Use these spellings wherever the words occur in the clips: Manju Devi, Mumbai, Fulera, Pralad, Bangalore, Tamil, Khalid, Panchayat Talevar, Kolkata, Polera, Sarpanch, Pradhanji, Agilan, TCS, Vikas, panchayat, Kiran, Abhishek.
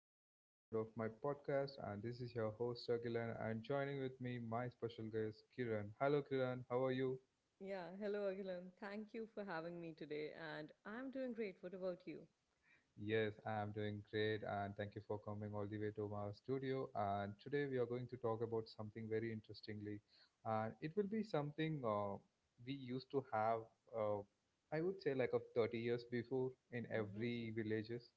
the another episode of my podcast, and this is your host Agilan and joining with me my special guest Kiran. Hello Kiran, how are you? Yeah, hello Agilan. Thank you for having me today, and I'm doing great. What about you? Yes, I'm doing great, and thank you for coming all the way to my studio. And today we are going to talk about something very interestingly. And it will be something we used to have, uh, I would say, like of 30 years before in Mm-hmm. every villages.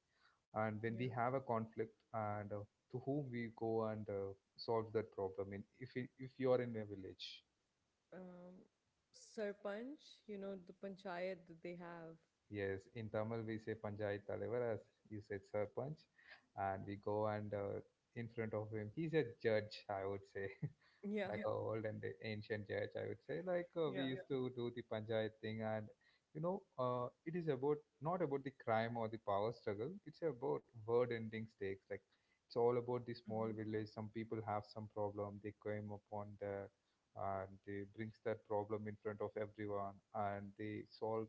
And when we Yeah. have a conflict, and to whom we go and solve that problem, in if you are in a village. Um, Sarpanch, the panchayat that they have. Yes, in Tamil we say Panchayat Talevar, as you said Sarpanch, and we go and in front of him. He's a judge, I would say, Yeah. like Yeah. A old and ancient judge. I would say, like we Yeah. Yeah. used to do the Panchayat thing, and you know, it is about not about the crime or the power struggle. It's about word-ending stakes. Like it's all about the small hmm village. Some people have some problem. They came upon the and they brings that problem in front of everyone, and they solve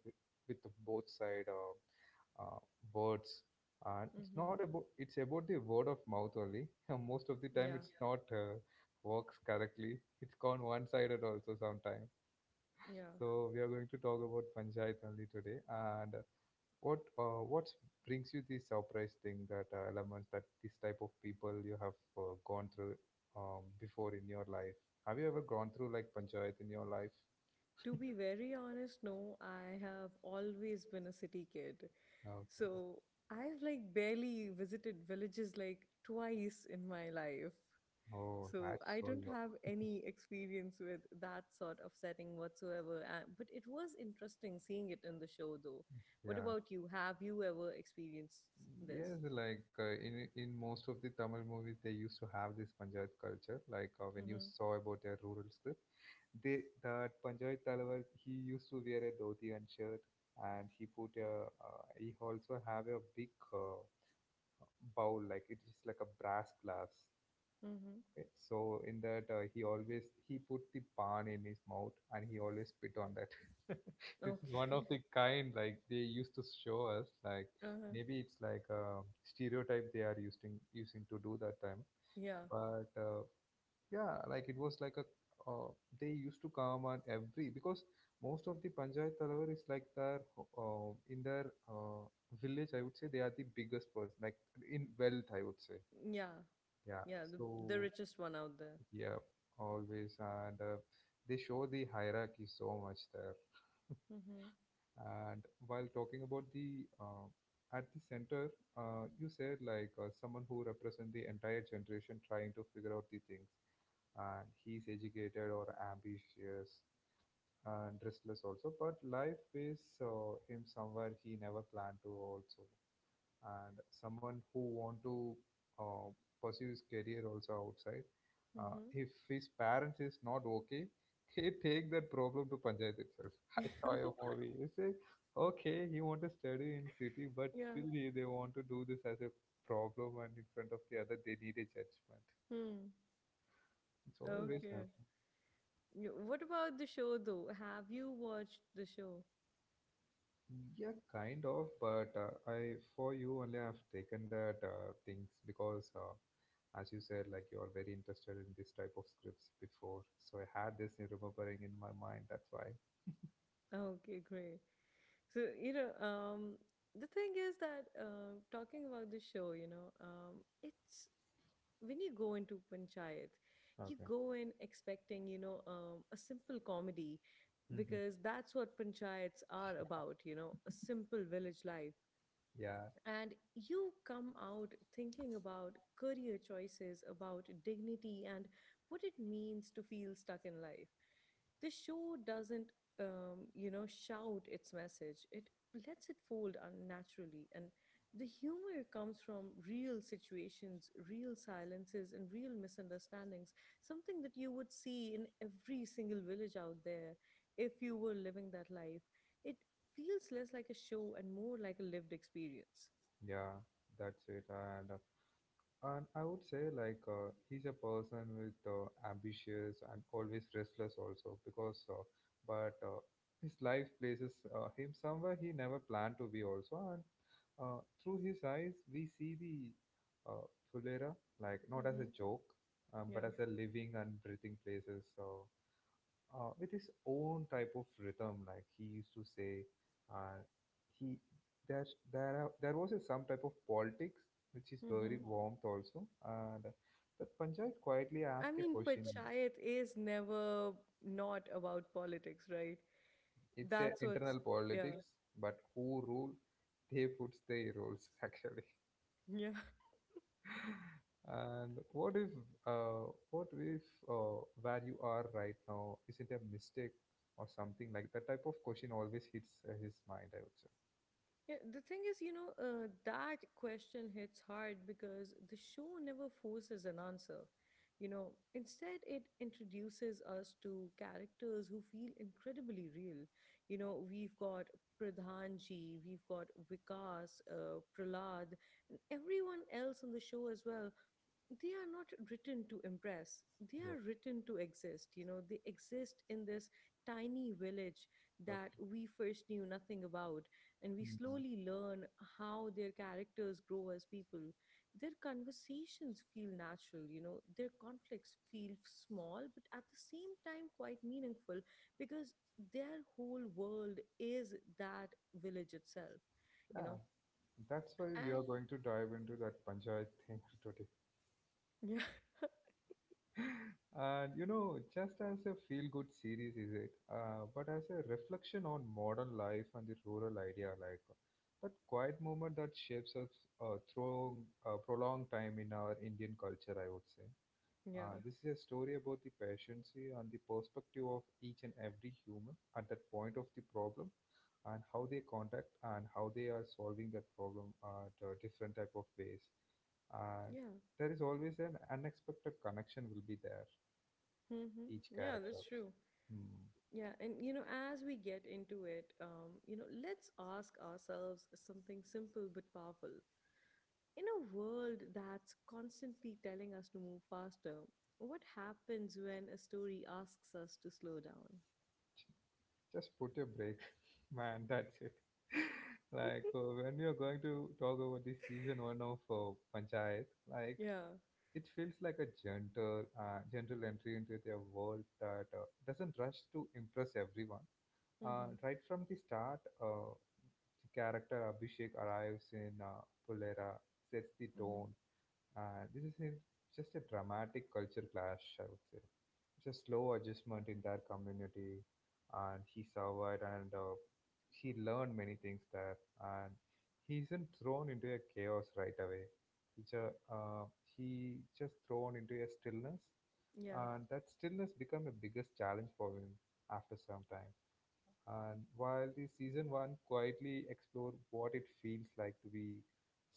with the both side uh, words. And it's hmm not about it's about the word of mouth only. Most of the time Yeah. it's not works correctly, it's gone one sided also sometimes. Yeah. So we are going to talk about panchayat only today. And what brings you the surprise thing, that elements that this type of people you have gone through before in your life? Have you ever gone through like panchayat in your life? To be very honest, no, I have always been a city kid. Okay. So I've like barely visited villages like twice in my life. Oh, So that's I so don't have any experience with that sort of setting whatsoever. But it was interesting seeing it in the show, though. What long. about you? Have you ever experienced this? Yes, like in most of the Tamil movies, they used to have this Panchayat culture. Like when you Mhm. saw about a rural script, they that Panchayat Talavar, he used to wear a dhoti and shirt, and he put a he also have a big bowl, like it is like a brass glass. Mhm. Okay. So in that he always he put the pan in his mouth and he always spit on that. This is one Okay. of the kind, like they used to show us like Uh-huh. maybe it's like a stereotype they are using to do that time. Yeah. But yeah, like it was like a uh, they used to come on every because most of the Panchayat Talavar is like their in their village. I would say they are the biggest person like in wealth. I would say Yeah. yeah. Yeah. The So richest one out there. yeah, always. And they show the hierarchy so much there. Mhm. And while talking about the at the center, you said like someone who represents the entire generation trying to figure out the things. And he's educated or ambitious and restless also, but life is him somewhere he never planned to also, and someone who want to uh, pursue his career also outside. Mhm. If his parents is not okay, he take that problem to panchayat itself. I saw your movie, you say. Okay, he want to study in city, but yeah. still they want to do this as a problem, and in front of the other they need a judgment. Hmm. It's always Okay. happening. Yeah. What about the show, though? Have you watched the show? Yeah, kind of, but I for you only I've taken that things because, as you said, like you are very interested in this type of scripts before, so I had this remembering in my mind. That's why. Okay, great. So, the thing is that talking about the show, it's when you go into panchayat, you Okay. go in expecting, a simple comedy, Hmm. because that's what panchayats are about, a simple village life. Yeah, And you come out thinking about career choices, about dignity, and what it means to feel stuck in life. The show doesn't, shout its message. It lets it fold unnaturally, and the humor comes from real situations, real silences, and real misunderstandings. Something that you would see in every single village out there if you were living that life. It feels less like a show and more like a lived experience. yeah, that's it. And and I would say like he's a person with ambitious and always restless also because, but his life places him somewhere he never planned to be also, and. Through his eyes, we see the Fulera, like not as a Mm-hmm. joke, but Yeah. as a living and breathing places. So, with his own type of rhythm, like he used to say, uh, he there there was a, some type of politics which is very Mm-hmm. warmth also, and the Panchayat quietly I asked a mean, question. panchayat is never not about politics, right? It's a That's what's, internal yeah. politics, but who rule? They puts their rules. Actually. Yeah. And what if where you are right now isn't a mistake, or something like that type of question always hits his mind, I would say. Yeah, the thing is, that question hits hard because the show never forces an answer. You know, Instead, it introduces us to characters who feel incredibly real. We've got Pradhanji, we've got Vikas, Pralad, and everyone else on the show as well. They are not written to impress, they Yes. are written to exist. They exist in this tiny village that Okay. we first knew nothing about, and we Mhm. slowly learn how their characters grow as people. Their conversations feel natural, their conflicts feel small but at the same time quite meaningful, because their whole world is that village itself you Yeah, know that's why we are and going to dive into that Panchayat thing today. yeah, And you know, just as a feel-good series, is it? But as a reflection on modern life and the rural idea, like that quiet moment that shapes us through a prolonged time in our Indian culture, I would say. Yeah, This is a story about the patience and the perspective of each and every human at that point of the problem, and how they contact, and how they are solving that problem at different type of ways. Uh, yeah. there is always an unexpected connection will be there, Mm-hmm. each Yeah, character. that's true. Hmm. Yeah, and as we get into it, let's ask ourselves something simple but powerful. In a world that's constantly telling us to move faster, what happens when a story asks us to slow down? Just put a break, man. That's it. Like when we are going to talk about the season one of Panchayat, like Yeah. it feels like a gentle, gentle entry into a world that doesn't rush to impress everyone. Mm-hmm. Right from the start, the character Abhishek arrives in Polera, sets the Mm-hmm. tone, this is a, just a dramatic culture clash, I would say. It's a slow adjustment in their community, and he survived and he learned many things there. And he isn't thrown into a chaos right away. He, ju- uh, he just thrown into a stillness, Yeah. and that stillness become a biggest challenge for him after some time. And while the season one quietly explore what it feels like to be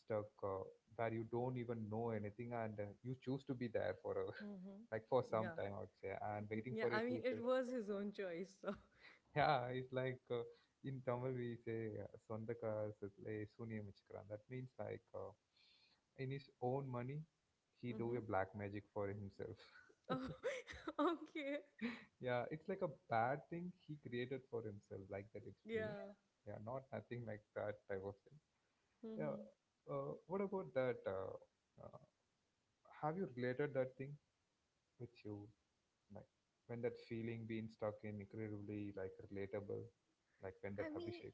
stuck where you don't even know anything, and you choose to be there for a Mm-hmm. like for some Yeah. time, I would say, and waiting Yeah. for a I mean, future. it was his own choice. So. Yeah, it's like in Tamil we say "சொந்தக்கா சுத்திலே சூனியம் வச்சுக்கிறான்." That means like in his own money, he do Mm-hmm. a black magic for himself. Oh, okay. Yeah, it's like a bad thing he created for himself, like that. It's me. Yeah. Yeah, not nothing like that. I was. Yeah. Mm-hmm. What about that? Uh, have you related that thing with you, like when that feeling being stuck in incredibly like relatable, like when that I mean, Abhishek?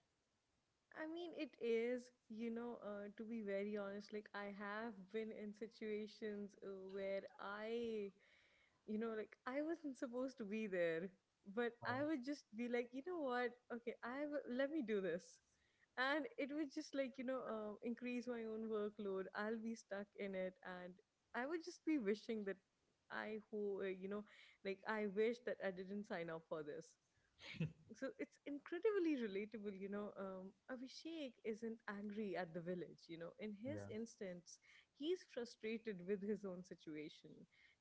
I mean, it is, to be very honest, like I have been in situations where I, like I wasn't supposed to be there, but I Oh, would just be like, you know what? Okay, let me do this. And it would just like, increase my own workload. I'll be stuck in it. And I would just be wishing that I, like I wish that I didn't sign up for this. So it's incredibly relatable. Abhishek isn't angry at the village. In his yeah, instance, he's frustrated with his own situation.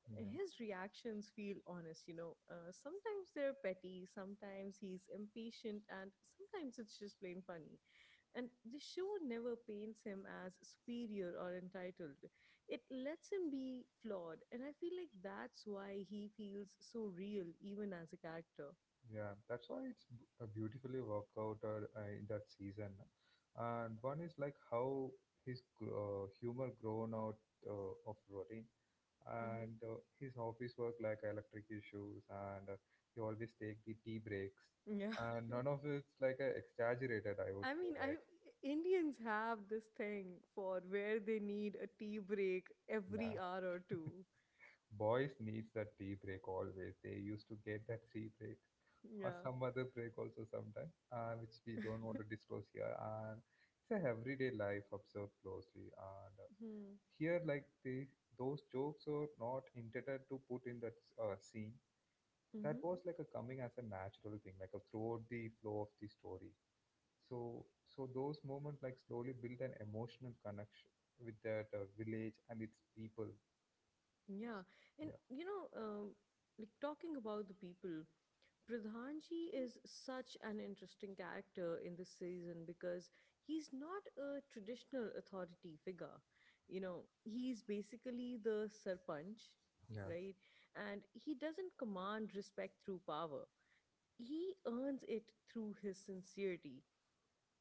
yeah. His reactions feel honest, sometimes they're petty, sometimes he's impatient, and sometimes it's just plain funny. And the show never paints him as superior or entitled. It lets him be flawed, and I feel like that's why he feels so real, even as a character. Yeah, that's why it's a beautifully worked out in that season. And one is like how his humor grown out of routine, Hmm and his office work like electric issues, and he always take the tea breaks. yeah. And none of it's like exaggerated, I I would say. mean, I Like, Indians have this thing for where they need a tea break every yeah, hour or two. Boys needs that tea break always. They used to get that tea break or Yeah. some other break also sometime, which we don't want to disclose here. And it's a everyday life observed closely. And Hmm. here, like the those jokes are not intended to put in that scene. That Mm-hmm. was like a coming as a natural thing, like a throughout the flow of the story. So, so those moments like slowly build an emotional connection with that village and its people. Yeah. And Yeah, like talking about the people, Pradhanji is such an interesting character in this season because he's not a traditional authority figure. He's basically the sarpanch, yeah, right? And he doesn't command respect through power, he earns it through his sincerity.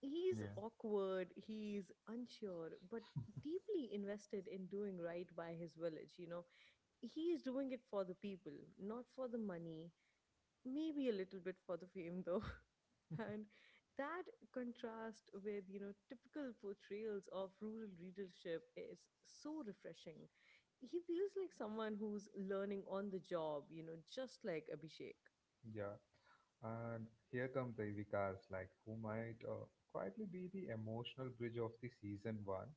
He's yeah. awkward, he's unsure, but deeply invested in doing right by his village. He is doing it for the people, not for the money, maybe a little bit for the fame, though. And that contrast with, typical portrayals of rural readership is so refreshing. He feels like someone who's learning on the job, just like Abhishek. Yeah. And here come the Ivy, like who might quietly be the emotional bridge of the season one.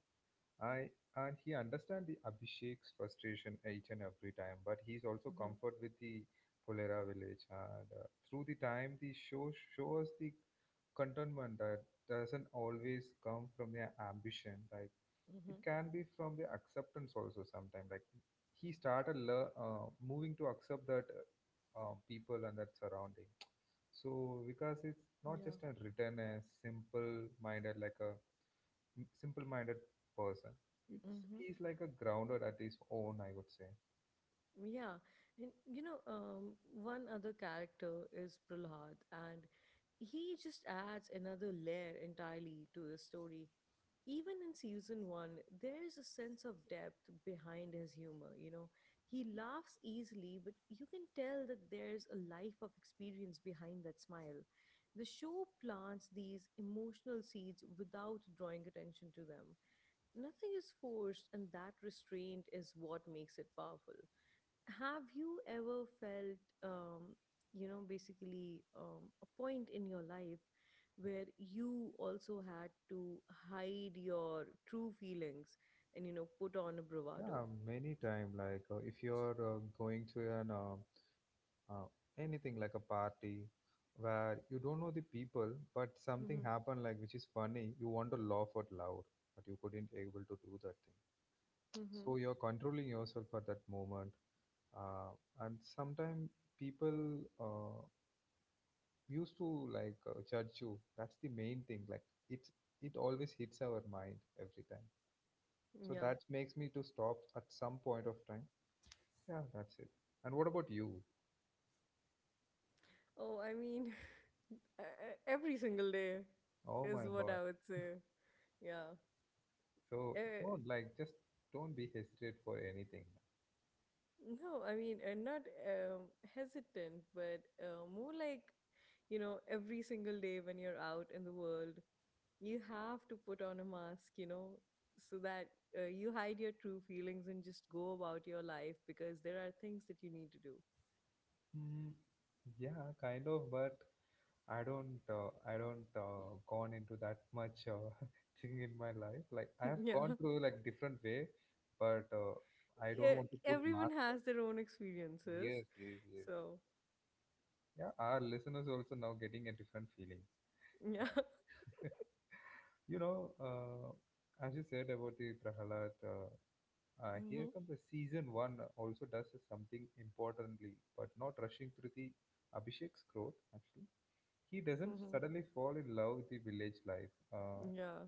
I And he understands the Abhishek's frustration each and every time, but he's also Hmm comfort with the Polera village. And through the time, the show shows the contentment that doesn't always come from their ambition. Like it hmm can be from the acceptance also sometimes. Like he started moving to accept that people and that surrounding. So because it's not Yeah. just a written, a simple minded like a simple-minded person. It's Mm-hmm. he's like a grounded at his own, I would say. Yeah. And one other character is Prahlad, and he just adds another layer entirely to the story. Even in season one, there is a sense of depth behind his humor. He laughs easily, but you can tell that there's a life of experience behind that smile. The show plants these emotional seeds without drawing attention to them. Nothing is forced, and that restraint is what makes it powerful. Have you ever felt, you know basically a point in your life where you also had to hide your true feelings, and put on a bravado? Yeah, many time like if you're going to an uh, anything like a party where you don't know the people, but something Hmm happened like which is funny, you want to laugh out loud, but you couldn't able to do that thing. hmm So you're controlling yourself at that moment, uh, and sometimes people. Uh, used to like judge you. That's the main thing. Like it, it always hits our mind every time. So yeah. that makes me to stop at some point of time. Yeah, that's it. And what about you? Oh, I mean, every single day Oh my is what God. I would say. yeah. So Eh, no, like just don't be hesitate for anything. No, I mean, I'm not hesitant, but more like, every single day when you're out in the world, you have to put on a mask, so that you hide your true feelings and just go about your life, because there are things that you need to do. Mm, yeah, kind of, but I don't gone into that much thing in my life. Like I have yeah. gone through like different way, but I don't yeah. want to put Everyone mark. has their own experiences. Yes, yes, yes. Yes. So, Yeah, our listeners also now getting a different feeling. yeah. Like, you know, as you said about the Prahalad, here hmm comes the season one also does something importantly, but not rushing through the Abhishek's growth. Actually, he doesn't hmm suddenly fall in love with the village life. Yeah.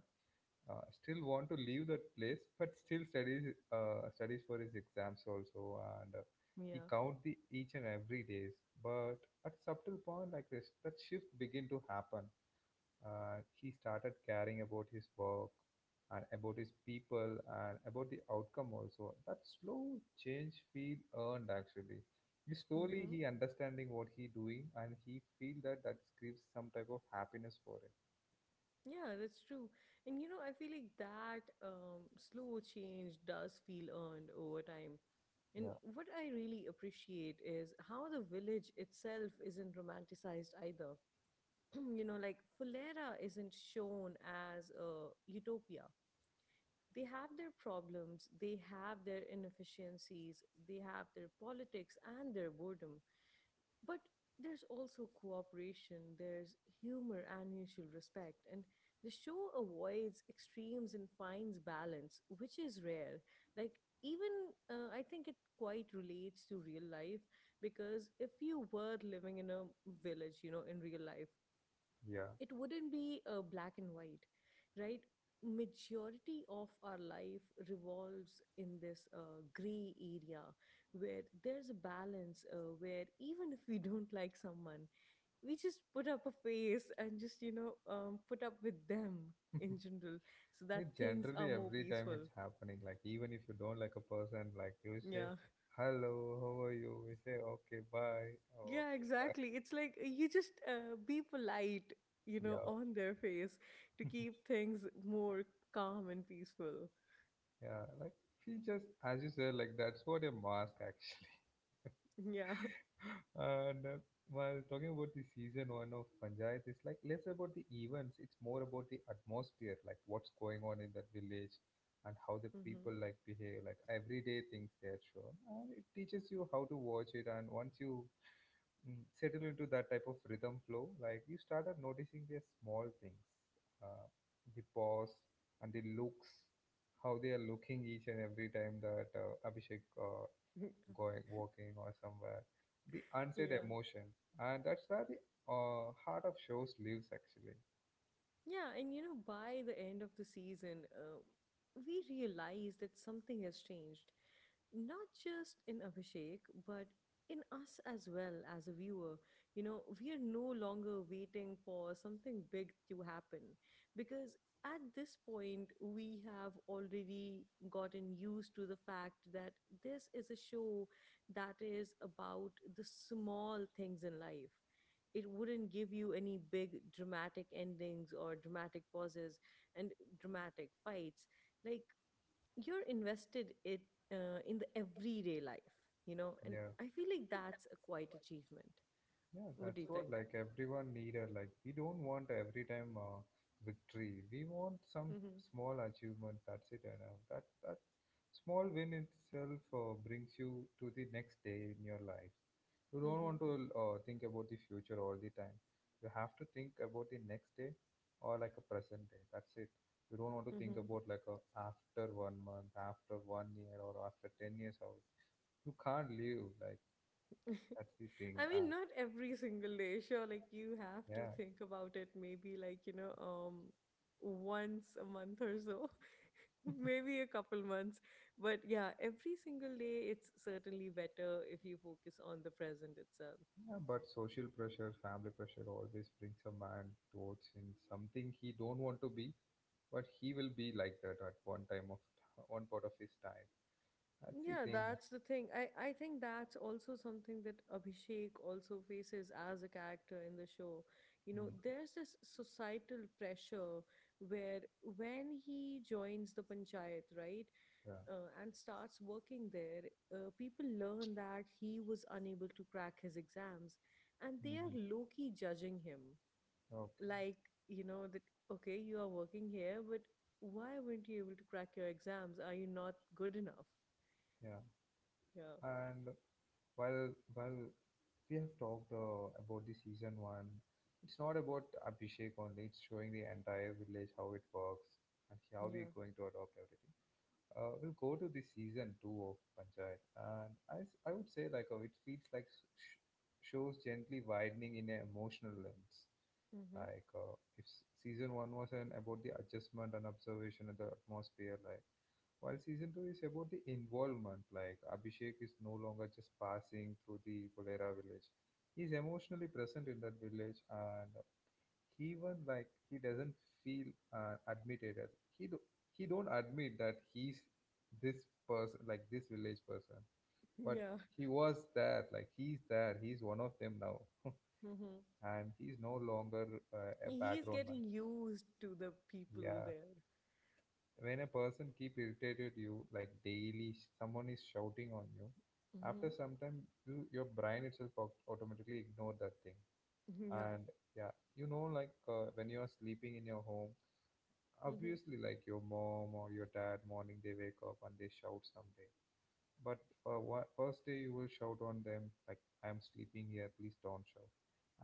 Still want to leave that place but still studies studies for his exams also and he Yeah. count the each and every days but at subtle point like this that shift begin to happen, he started caring about his work and about his people and about the outcome also. That slow change feel earned actually. he slowly hmm he understanding what he doing and he feel that that gives some type of happiness for it. Yeah, that's true. And I feel like that slow change does feel earned over time. And Yeah, what I really appreciate is how the village itself isn't romanticized either. Like Fulera isn't shown as a utopia. They have their problems, they have their inefficiencies, they have their politics and their boredom. But there's also cooperation, there's humor and mutual respect, and the show avoids extremes and finds balance, which is rare. Like, even I think it quite relates to real life, because if you were living in a village, in real life, yeah. it wouldn't be black and white, right? Majority of our life revolves in this gray area, where there's a balance, where even if we don't like someone, we just put up a face and just, put up with them in general, so that It things are generally more every time peaceful. it's happening. Like even if you don't like a person, like you say, Yeah "Hello, how are you?" We say, "Okay, bye." Oh, yeah. okay. Exactly, it's like you just, be polite, Yeah, on their face, to keep things more calm and peaceful. yeah. Like we just, as you said, like that's what a mask actually. yeah. And While talking about the season one of Panchayat, it's like less about the events. It's more about the atmosphere, like what's going on in that village, and how the Mm-hmm. people like behave. Like everyday things they're shown, and it teaches you how to watch it. And once you settle into that type of rhythm flow, like you started noticing the small things, uh, the pause and the looks, how they are looking each and every time that abhishek going walking or somewhere. The unsaid Yeah. emotion, and that's where the heart of shows lives actually. Yeah, and by the end of the season, we realize that something has changed, not just in Abhishek, but in us as well as a viewer. We are no longer waiting for something big to happen, because at this point, we have already gotten used to the fact that this is a show that is about the small things in life. It wouldn't give you any big dramatic endings or dramatic pauses and dramatic fights. Like, you're invested it in the everyday life, and Yeah. I feel like that's a quite achievement. Yeah, What do that's you what think? like everyone needed. Like we don't want every time victory. We want some Mm-hmm. small achievement. That's it, and that small win itself brings you to the next day in your life. You don't Mm-hmm. want to think about the future all the time. You have to think about the next day or like a present day. That's it. You don't want to think mm-hmm. about like a after 1 month, after 1 year, or after 10 years. How you can't live like that's the thing. I mean, not every single day. Sure, like you have to Yeah. think about it maybe like, once a month or so, maybe a couple months. But yeah, every single day, it's certainly better if you focus on the present itself. Yeah, but social pressure, family pressure always brings a man towards in something he don't want to be, but he will be like that at one time of one part of his time. That's the Yeah, thing. that's the thing. I think that's also something that Abhishek also faces as a character in the show. Hmm, There's this societal pressure, where when he joins the panchayat, right? yeah. And starts working there, people learn that he was unable to crack his exams, and they Mhm. are low key judging him. Okay. Like, that, okay, you are working here, but why weren't you able to crack your exams? Are you not good enough? Yeah. Yeah. And while we have talked about the season one, it's not about Abhishek only. It's showing the entire village how it works and how Yeah. we're going to adopt everything. We'll go to the season two of Panchayat, and I would say like it feels like shows gently widening in an emotional lens. Mm-hmm. Like if season one was an about the adjustment and observation of the atmosphere, like while season two is about the involvement. Like Abhishek is no longer just passing through the Polera village; he's emotionally present in that village. And even like he doesn't feel admitted he do, he don't admit that he's this person like this village person, but Yeah. he was there. Like he's there, he's one of them now. Mm-hmm. And he's no longer a He is background man. getting used to the people Yeah, there. when a person keep irritated you like daily, someone is shouting on you, after Mm-hmm. some time you your brain itself automatically ignore that thing. Yeah. And yeah, you know, like when you are sleeping in your home, Mm-hmm. obviously like your mom or your dad morning they wake up and they shout someday, but for what first day you will shout on them like I'm sleeping here, please don't shout.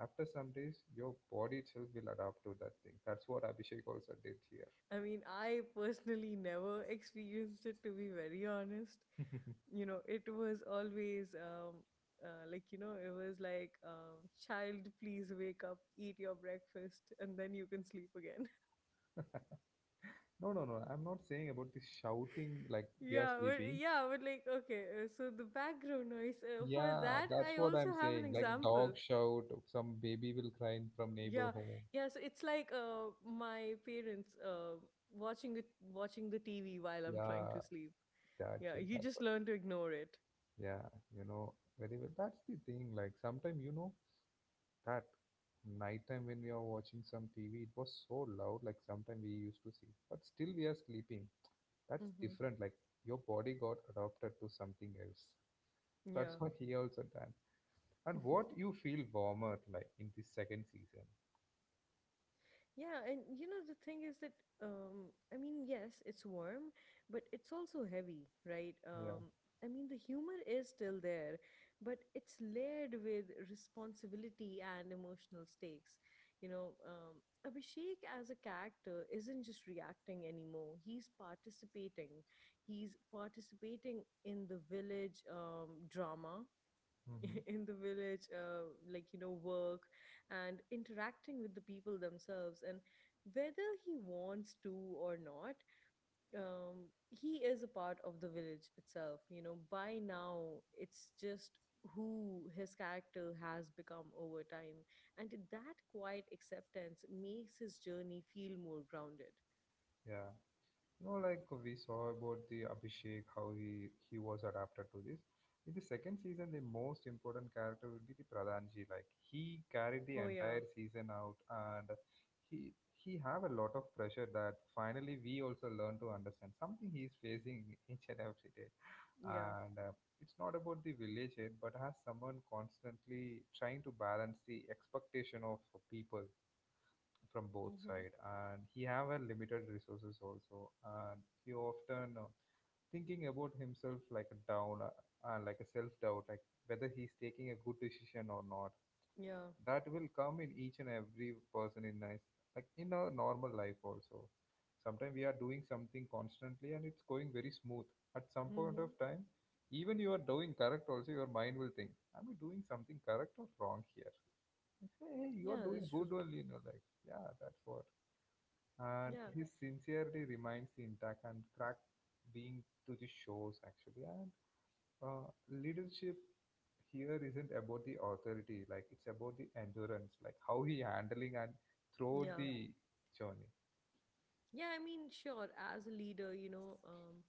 After some days your body itself will adapt to that thing. That's what Abhishek also did here. I mean, I personally never experienced it, to be very honest. It was always like it was like child please wake up, eat your breakfast, and then you can sleep again. No, no, no, I'm not saying about this shouting like we are yeah but, sleeping. yeah but like okay, so the background noise, for Yeah, that that's I what also I'm have an saying like dog example. shout, some baby will cry in from neighbor Yeah home. yeah. So it's like, my parents, watching it watching the TV while I'm trying to Yeah, sleep. that's yeah, it. you That's just what. learn to ignore it. Yeah, you know very well. That's the thing. Like sometimes you know that nighttime when we are watching some TV, it was so loud. Like sometimes we used to see, but still we are sleeping. That's Hmm different. Like your body got adapted to something else. yeah. That's what he also done. And what you feel warmer like in the second season. Yeah, and the thing is that, I mean yes, it's warm, but it's also heavy, right? Yeah. I mean the humor is still there, but it's layered with responsibility and emotional stakes. Abhishek as a character isn't just reacting anymore. He's participating. He's participating in the village drama Mm-hmm. in the village like, you know, work and interacting with the people themselves, and whether he wants to or not, he is a part of the village itself, you know, by now. It's just who his character has become over time, and that quiet acceptance makes his journey feel more grounded. Yeah. No, like we saw about the Abhishek, how he was adapted to this. In the second season, the most important character will be the Pradhanji. Like he carried the Oh yeah. entire season out, and he have a lot of pressure that finally we also learn to understand something he is facing each and every day. Yeah. And it's not about the village head, but has someone constantly trying to balance the expectation of people from both Hmm. side, and he have a limited resources also. And he often thinking about himself like a down, and like a self doubt, like whether he's taking a good decision or not. Yeah. That will come in each and every person in nice, like in our normal life also. Sometimes we are doing something constantly and it's going very smooth. At some point Hmm. of time, even you are doing correct also your mind will think am I doing something correct or wrong here. I say, hey you are Yeah, doing that's good true. only in your life. Yeah, that's what. And Yeah. his sincerity remains intact and cracked being to the shows actually. And leadership here isn't about the authority. Like it's about the endurance, like how he handling and throughout Yeah. the journey. Yeah, I mean, sure, as a leader,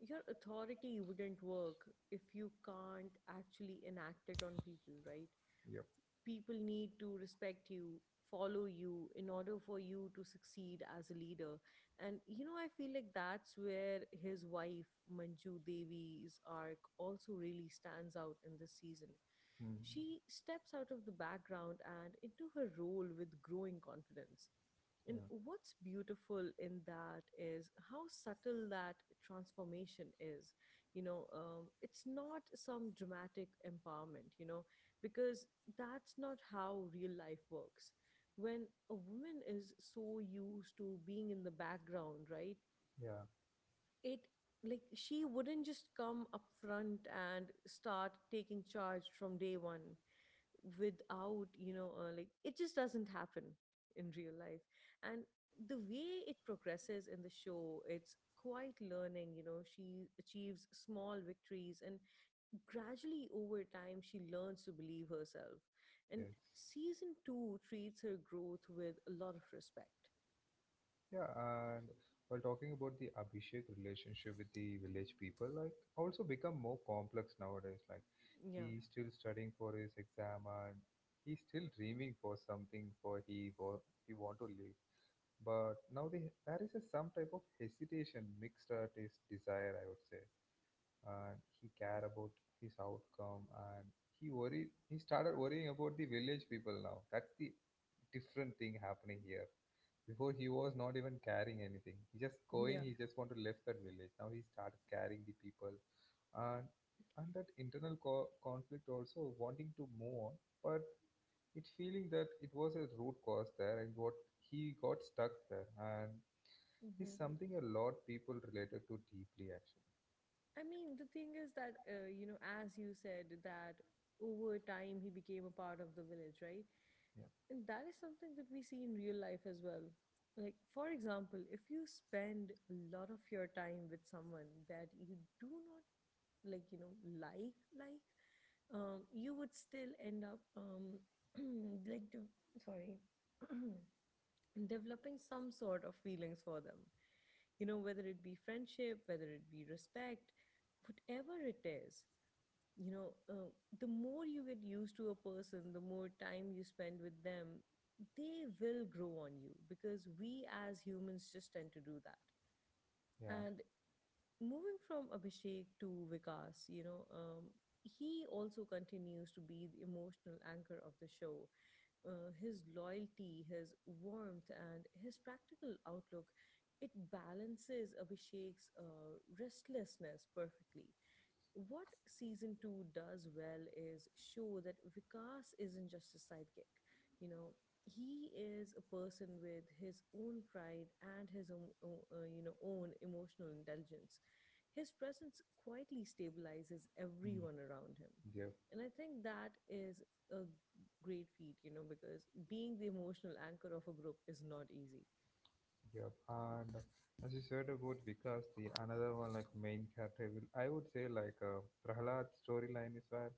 your authority wouldn't work if you can't actually enact it on people, right? Yep. People need to respect you, follow you in order for you to succeed as a leader. And I feel like that's where his wife Manju Devi's arc also really stands out in this season. Mm. She steps out of the background and into her role with growing confidence, and Yeah, what's beautiful in that is how subtle that transformation is. It's not some dramatic empowerment. Because that's not how real life works. When a woman is so used to being in the background, right? yeah. It, like, she wouldn't just come up front and start taking charge from day one without, like, it just doesn't happen in real life. And the way it progresses in the show, it's quite learning, she achieves small victories and, gradually over time, she learns to believe herself. And Yes. season 2 treats her growth with a lot of respect. Yeah, and while talking about the Abhishek relationship with the village people, like also become more complex nowadays. Like Yeah. he's still studying for his exam and he's still dreaming for something for he want to live. But now the, there is a, some type of hesitation mixed at his desire, I would say, and he care about his outcome and he worry he started worrying about the village people now. That's the different thing happening here. Before he was not even carrying anything. He just going. Yeah. He just want to left that village. Now he started carrying the people, and and that internal conflict also wanting to move on, but it feeling that it was a root cause there, and what he got stuck there, and is Hmm. something a lot people related to deeply actually. I mean, the thing is that you know, as you said, that over time he became a part of the village, right? Yeah, And that is something that we see in real life as well. Like, for example, if you spend a lot of your time with someone that you do not like, you know, you would still end up, like, sorry, developing some sort of feelings for them. You know, whether it be friendship, whether it be respect, whatever it is. you know uh, the more you get used to a person, the more time you spend with them, they will grow on you, because we as humans just tend to do that. yeah. And moving from Abhishek to Vikas, he also continues to be the emotional anchor of the show. His loyalty, his warmth, and his practical outlook, it balances Abhishek's restlessness perfectly. What season two does well is show that Vikas isn't just a sidekick. You know, he is a person with his own pride and his own, own emotional intelligence. His presence quietly stabilizes Hmm. everyone around him. Yep. And I think that is a great feat, you know, because being the emotional anchor of a group is not easy. Yep, and as you said about Vikas the another one like main character will I would say like Prahlad's storyline is where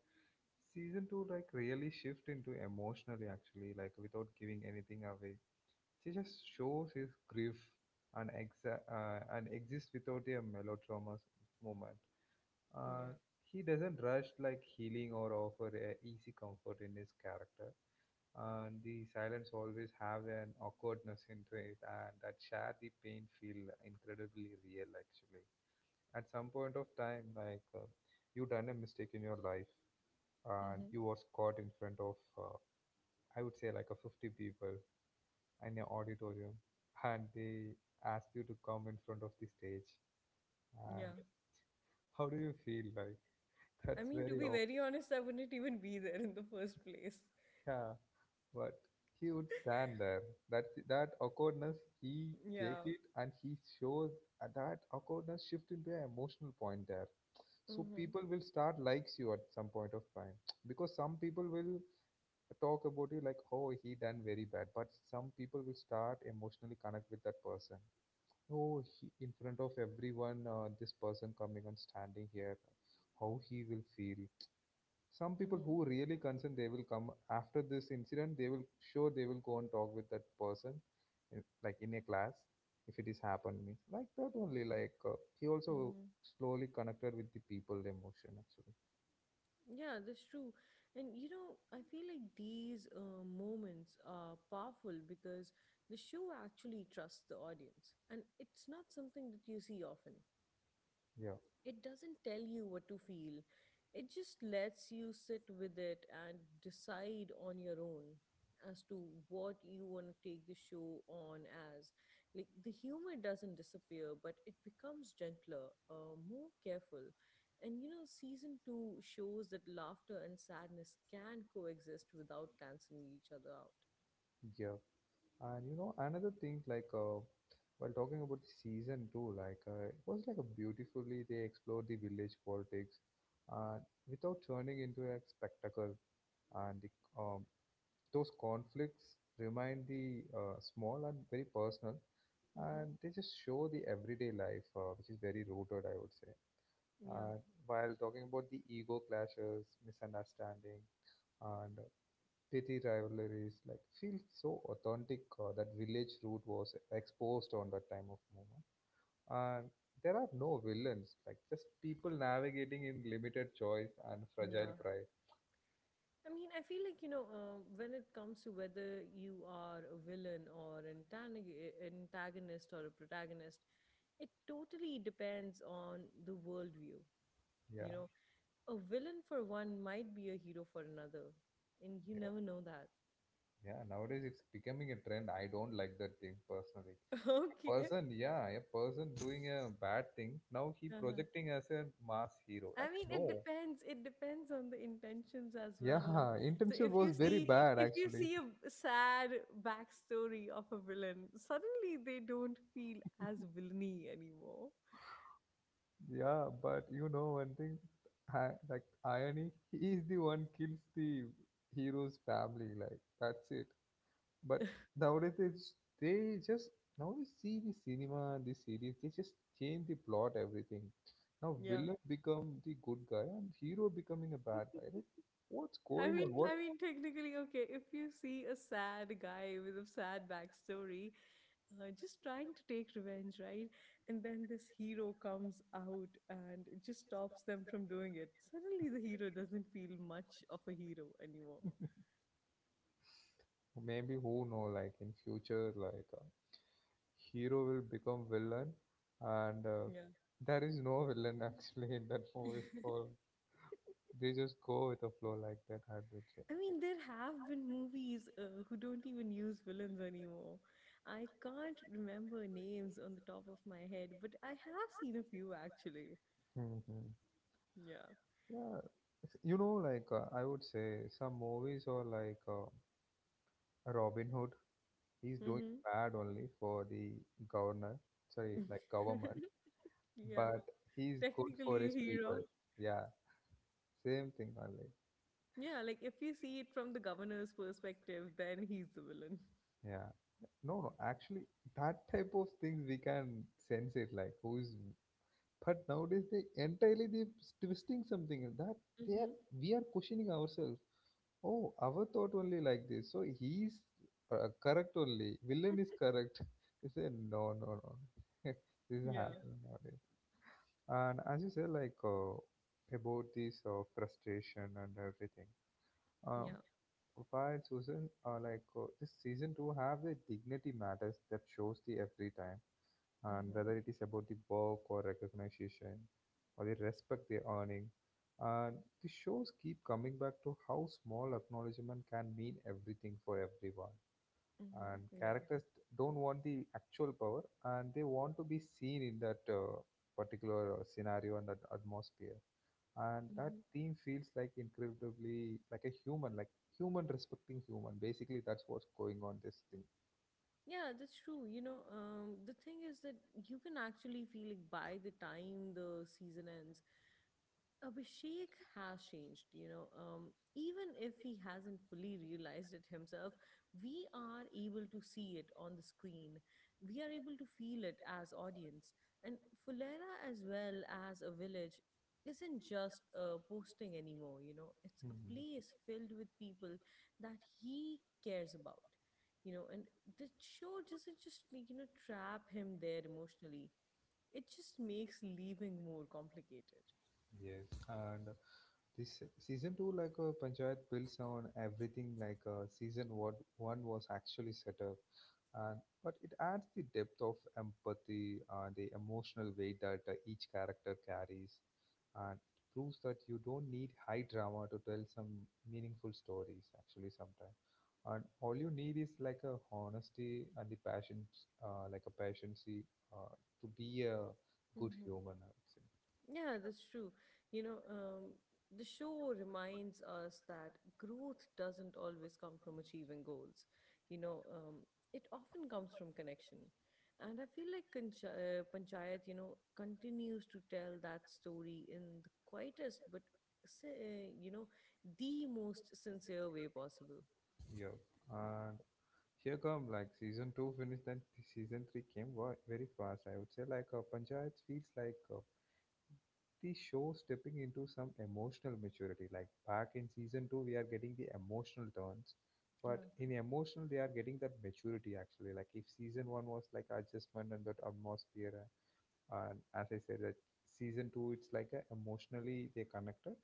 season two like really shift into emotionally actually, like without giving anything away she just shows his grief and and exists without a melodrama moment. uh, Yeah. he doesn't rush like healing or offer a easy comfort in his character, and the silence always have an awkwardness into it, and that share the pain feel incredibly real actually. At some point of time like, you done a mistake in your life and Mm-hmm. you was caught in front of I would say like a 50 people in your auditorium, and they asked you to come in front of the stage, and Yeah. how do you feel like I that's mean, to very be off. very honest, I wouldn't even be there in the first place. Yeah, but he would stand there. That that awkwardness, he take Yeah. it, and he shows that awkwardness shift into an emotional point there, so Mm-hmm. people will start likes you at some point of time. Because some people will talk about you like, oh, he done very bad. But some people will start emotionally connect with that person. Oh, he, in front of everyone, this person coming and standing here, how he will feel. Some people Mm-hmm. who really concerned, they will come after this incident. They will sure they will go and talk with that person, in, like in a class, if it is happened means like that only. Like he also Mm-hmm. slowly connected with the people emotion actually. Yeah, that's true. And, you know, I feel like these moments are powerful because the show actually trusts the audience, and it's not something that you see often. Yeah, It doesn't tell you what to feel, it just lets you sit with it and decide on your own as to what you want to take the show on as. Like, the humor doesn't disappear, but it becomes gentler, more careful. And, you know, season two shows that laughter and sadness can coexist without canceling each other out. yeah. And you know, another thing, like, while talking about the season two, like, it was like a beautifully they explored the village politics, uh, without turning into a spectacle. And the, um, those conflicts remind the small and very personal, Hmm. and they just show the everyday life, which is very rooted, I would say. Yeah, And while talking about the ego clashes, misunderstanding, and petty rivalries like feels so authentic. That village root was exposed on that time of movement, and there are no villains, like just people navigating in limited choice and fragile yeah. pride. I mean, I feel like, you know, when it comes to whether you are a villain or an antagonist or a protagonist, it totally depends on the worldview. You Yeah. know, a villain for one might be a hero for another, and you Yeah, never know that. yeah nowadays it's becoming a trend. I don't like that thing personally. Okay. Person, yeah, a person doing a bad thing now he Uh-huh. projecting as a mass hero I like mean, it no. depends. It depends on the intentions as Yeah. well, no? So Internship if was you very see bad if you actually. see a sad backstory of a villain, suddenly they don't feel as villainy anymore. Yeah, but you know one thing, I, like irony, he is the one kills the hero's family. Like that's it. But nowadays they just now we see the cinema, the series. They just change the plot, everything. Now Yeah. villain become the good guy and hero becoming a bad guy. Like, what's I going mean, on? What I mean, technically, okay, if you see a sad guy with a sad backstory, just trying to take revenge, right? And then this hero comes out and it just stops them from doing it. Suddenly, the hero doesn't feel much of a hero anymore. maybe who know? Like in future, like hero will become villain, and Yeah. there is no villain actually in that movie for They just go with the flow like that, I would say. I mean, there have been movies who don't even use villains anymore. I can't remember names on the top of my head, but I have seen a few actually. Hmm. Yeah. Yeah, you know, like I would say some movies or like Robin Hood. He's doing Mm-hmm. bad only for the governor, sorry, like government, Yeah. but he's good for Technically a his people. hero. Yeah, same thing only. Yeah, like if you see it from the governor's perspective, then he's the villain. Yeah. No, no, actually, that type of things we can sense it like who's, but nowadays they entirely they twisting something in that they are Mm-hmm. we are questioning ourselves. Oh, our thought only like this. So he's correct only. Villain is correct. He said, no, no, no. This is Yeah. happening nowadays. And as you said, like about this frustration and everything. Um, Yeah. why, Susan, like this season two have the dignity matters that shows the every time, and Mm-hmm. whether it is about the work or recognition, or the respect they earning, and the shows keep coming back to how small acknowledgement can mean everything for everyone. Mm-hmm. And Yeah. characters don't want the actual power, and they want to be seen in that particular scenario and that atmosphere, and that Mm-hmm. theme feels like incredibly like a human like human respecting human, basically that's what's going on this thing. Yeah, that's true. The thing is that you can actually feel like, by the time the season ends, Abhishek has changed, even if he hasn't fully realized it himself, we are able to see it on the screen. We are able to feel it as audience. And Fulera, as well as a village, isn't just a posting anymore. It's a Mhm. place filled with people that he cares about. And the show doesn't just, like, trap him there emotionally, it just makes leaving more complicated. Yes, and this season two, like Panchayat builds on everything like season one was actually set up. And but it adds the depth of empathy and the emotional weight that each character carries, and it proves that you don't need high drama to tell some meaningful stories actually sometimes, and all you need is like a honesty and the passion, like a patiency, uh, to be a good Mm-hmm. human, I would say. Yeah, that's true. You know, um, the show reminds us that growth doesn't always come from achieving goals. You know, um, it often comes from connection. And I feel like Panchayat, you know, continues to tell that story in the quietest but, you know, the most sincere way possible. Yeah, and here come like season two finished, then the season three came very fast, I would say. Like Panchayat feels like the show stepping into some emotional maturity. Like back in season two, we are getting the emotional turns, Yeah, but in emotional, they are getting that maturity actually. Like if season one was like adjustment and that atmosphere, and as I said, that season two, it's like a emotionally they connected,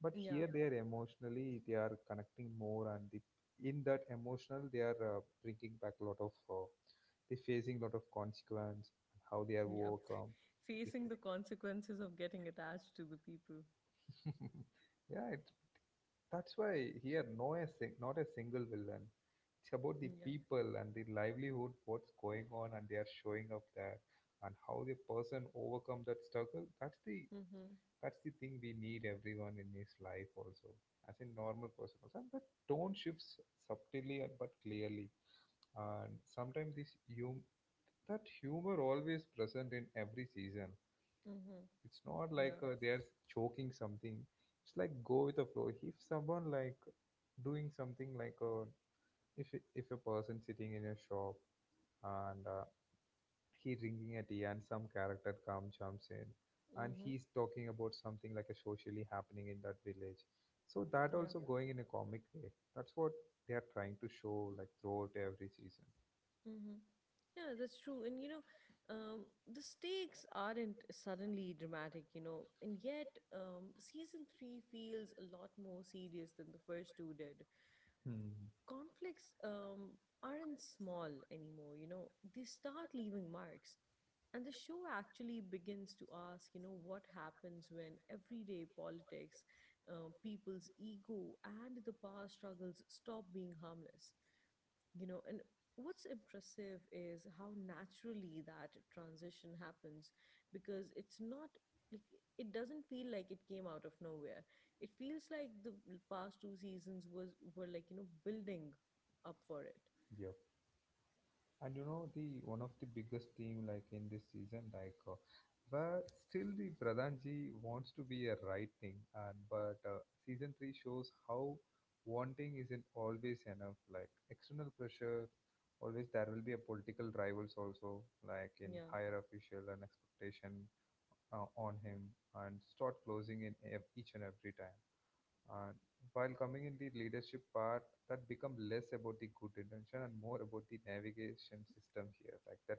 but here yeah, they are emotionally they are connecting more, and the in that emotional they are bringing back a lot of they facing a lot of consequence and how they are yeah. overcome. This Facing thing. the consequences of getting attached to the people. Yeah, it, that's why here no not a single villain. It's about the Yeah. people and the livelihood, what's going on, and they are showing up there, and how the person overcome that struggle. That's the Mm-hmm. that's the thing we need everyone in his life also, as a normal person also. And the tone shifts subtly and but clearly, and sometimes this hum that humor always present in every season. Mm-hmm. It's not like Yeah. They're choking something. It's like go with the flow. If someone like doing something like if if a person sitting in a shop and he drinking a tea and some character comes jumps in and Mm-hmm. he's talking about something like a socially happening in that village. So that Yeah. also going in a comic way. That's what they are trying to show like throughout every season. Hmm. Yeah, that's true. And, you know, the stakes aren't suddenly dramatic, you know, and yet season three feels a lot more serious than the first two did. Hmm. Conflicts aren't small anymore, you know, they start leaving marks. And the show actually begins to ask, you know, what happens when everyday politics, people's ego, and the power struggles stop being harmless. You know, and what's impressive is how naturally that transition happens, because it's not like, it doesn't feel like it came out of nowhere. It feels like the past two seasons was were like, you know, building up for it. Yep. And you know the one of the biggest team like in this season, like but still the pradhanji wants to be a right thing, and but season 3 shows how wanting isn't always enough, like external pressure, always there will be a political rivals also, like in Yeah. higher official and expectation on him, and start closing in each and every time, and while coming in the leadership part, that become less about the good intention and more about the navigation system here. Like that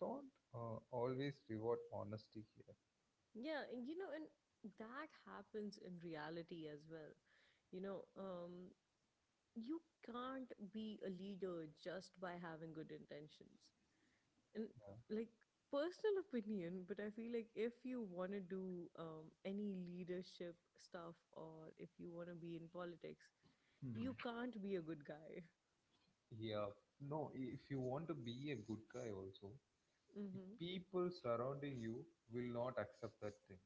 don't always reward honesty here. Yeah, and you know, and that happens in reality as well. You know, you can't be a leader just by having good intentions. And, Yeah. like, personal opinion, but I feel like if you want to do any leadership stuff or if you want to be in politics, you Hmm. can't be a good guy. Yeah, no, if you want to be a good guy also, the Hmm. people surrounding you will not accept that thing.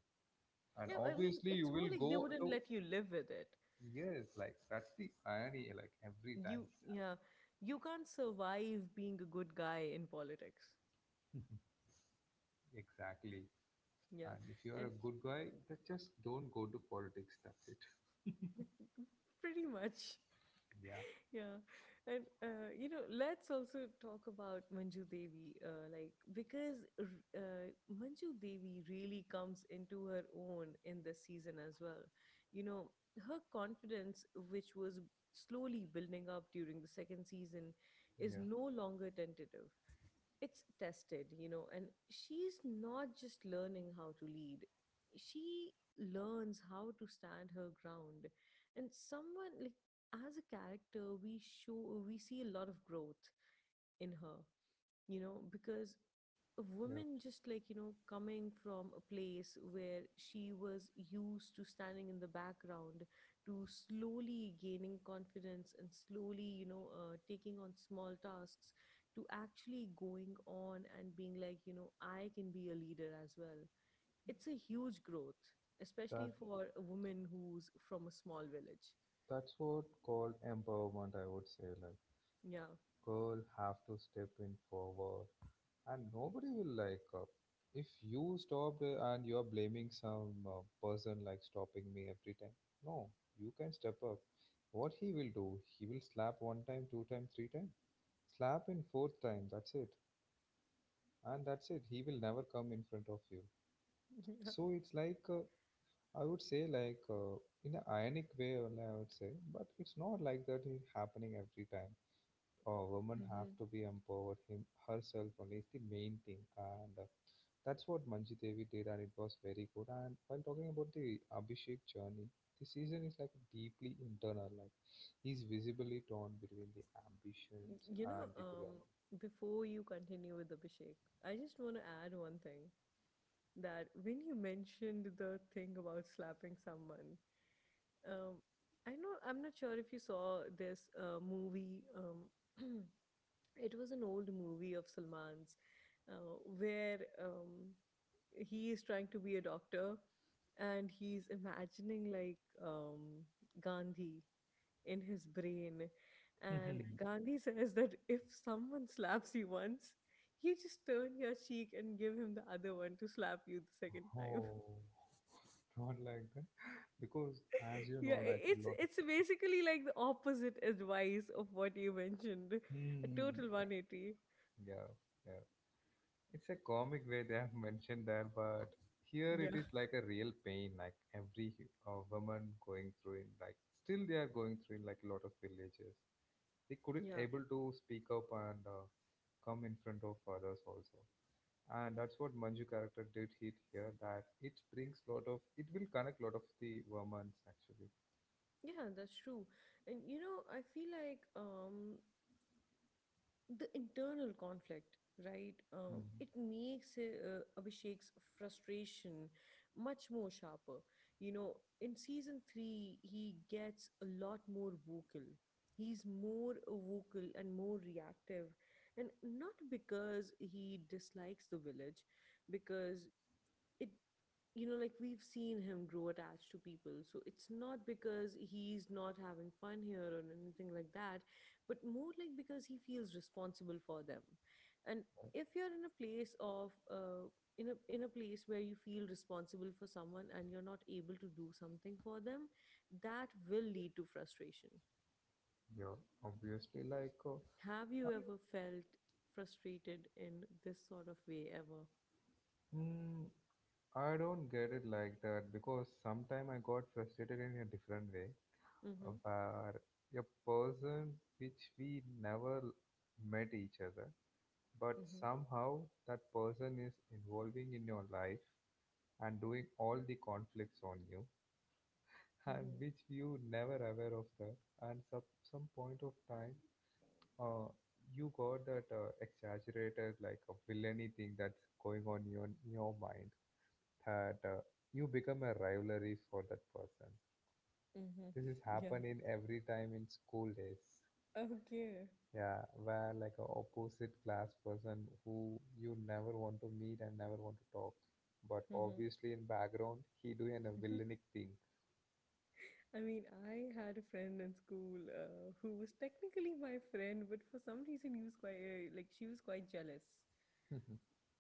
And Yeah, I mean, obviously you it's more will like they go wouldn't to let you live with it. yes, like that's the irony, like every time You it's Yeah, you can't survive being a good guy in politics. happening. Exactly. Yeah, And if you are and a good guy, that just don't go to politics, that's it. pretty much. Yeah. Yeah, and you know, let's also talk about Manju Devi, uh, Manju Devi really comes into her own in this season as well. You know, her confidence, which was slowly building up during the second season, is Yeah, no longer tentative, it's tested, you know, and she's not just learning how to lead, she learns how to stand her ground. And, someone like, as a character, we show we see a lot of growth in her, you know, because a yeah. woman, just like, you know, coming from a place where she was used to standing in the background, to slowly gaining confidence and slowly, taking on small tasks, to actually going on and being like, you know, I can be a leader as well. It's a huge growth, That especially for a woman who's from a small village. that's what called empowerment. I would say like Yeah. girl have to step in forward, and nobody will like if you stopped and you're blaming some person like stopping me every time. No, you can step up. What he will do? He will slap one time, two time, three time, slap in fourth time. That's it, and that's it. He will never come in front of you. Yeah. So it's like I would say like in an ironic way only I would say, but it's not like that is happening every time. Oh, women have Hmm. to be empowered. Him herself only is the main thing, and that's what Manji Devi did, and it was very good. And while talking about the Abhishek journey, the season is like deeply internal. Like he's visibly torn between the ambitions you know and the um belonging. Before you continue with Abhishek, I just want to add one thing, that when you mentioned the thing about slapping someone, um, I know, I'm not sure if you saw this movie. It was an old movie of Salman's, where um, he is trying to be a doctor and he's imagining, like, Gandhi in his brain. And Mhm. Gandhi says that if someone slaps you once, you just turn your cheek and give him the other one to slap you the second time. Oh, not like that because, as you Yeah, know, i- like a it's lot of. it's basically like the opposite advice of what you mentioned. A Hmm. total Yeah, 180. yeah. Yeah. It's a comic way they have mentioned there, but here Yeah. it is like a real pain, like every woman going through in like still they are going through in like a lot of villages. They couldn't Yeah. able to speak up and come in front of others also, and that's what Manju character did hit here. That it brings lot of it will connect lot of the women's actually. Yeah, that's true. And you know, I feel like the internal conflict, right? Mm, It makes Abhishek's frustration much more sharper, you know. In season 3, he gets a lot more vocal. He's more vocal and more reactive, and not because he dislikes the village. Because it, you know, like we've seen him grow attached to people, so it's not because he's not having fun here or anything like that, but more like because he feels responsible for them. And if you're in a place of in a place where you feel responsible for someone and you're not able to do something for them, that will lead to frustration. yeah, obviously like. Have you ever felt frustrated in this sort of way ever? mm, I don't get it like that because sometime I got frustrated in a different way. Mhm. Were a person which we never met each other, but Mhm. somehow that person is involving in your life and doing all the conflicts on you, and Mhm. which you never aware of that. And some point of time, uh, you got that exaggerated like a villainy thing that's going on in your, mind, that you become a rivalry for that person. Mhm. This has Yeah. happened in every time in school days. Okay. Yeah, where like a opposite class person who you never want to meet and never want to talk, but Mhm. obviously in background he doing a villainic thing. I mean, I had a friend in school who was technically my friend, but for some reason, he was quite she was quite jealous.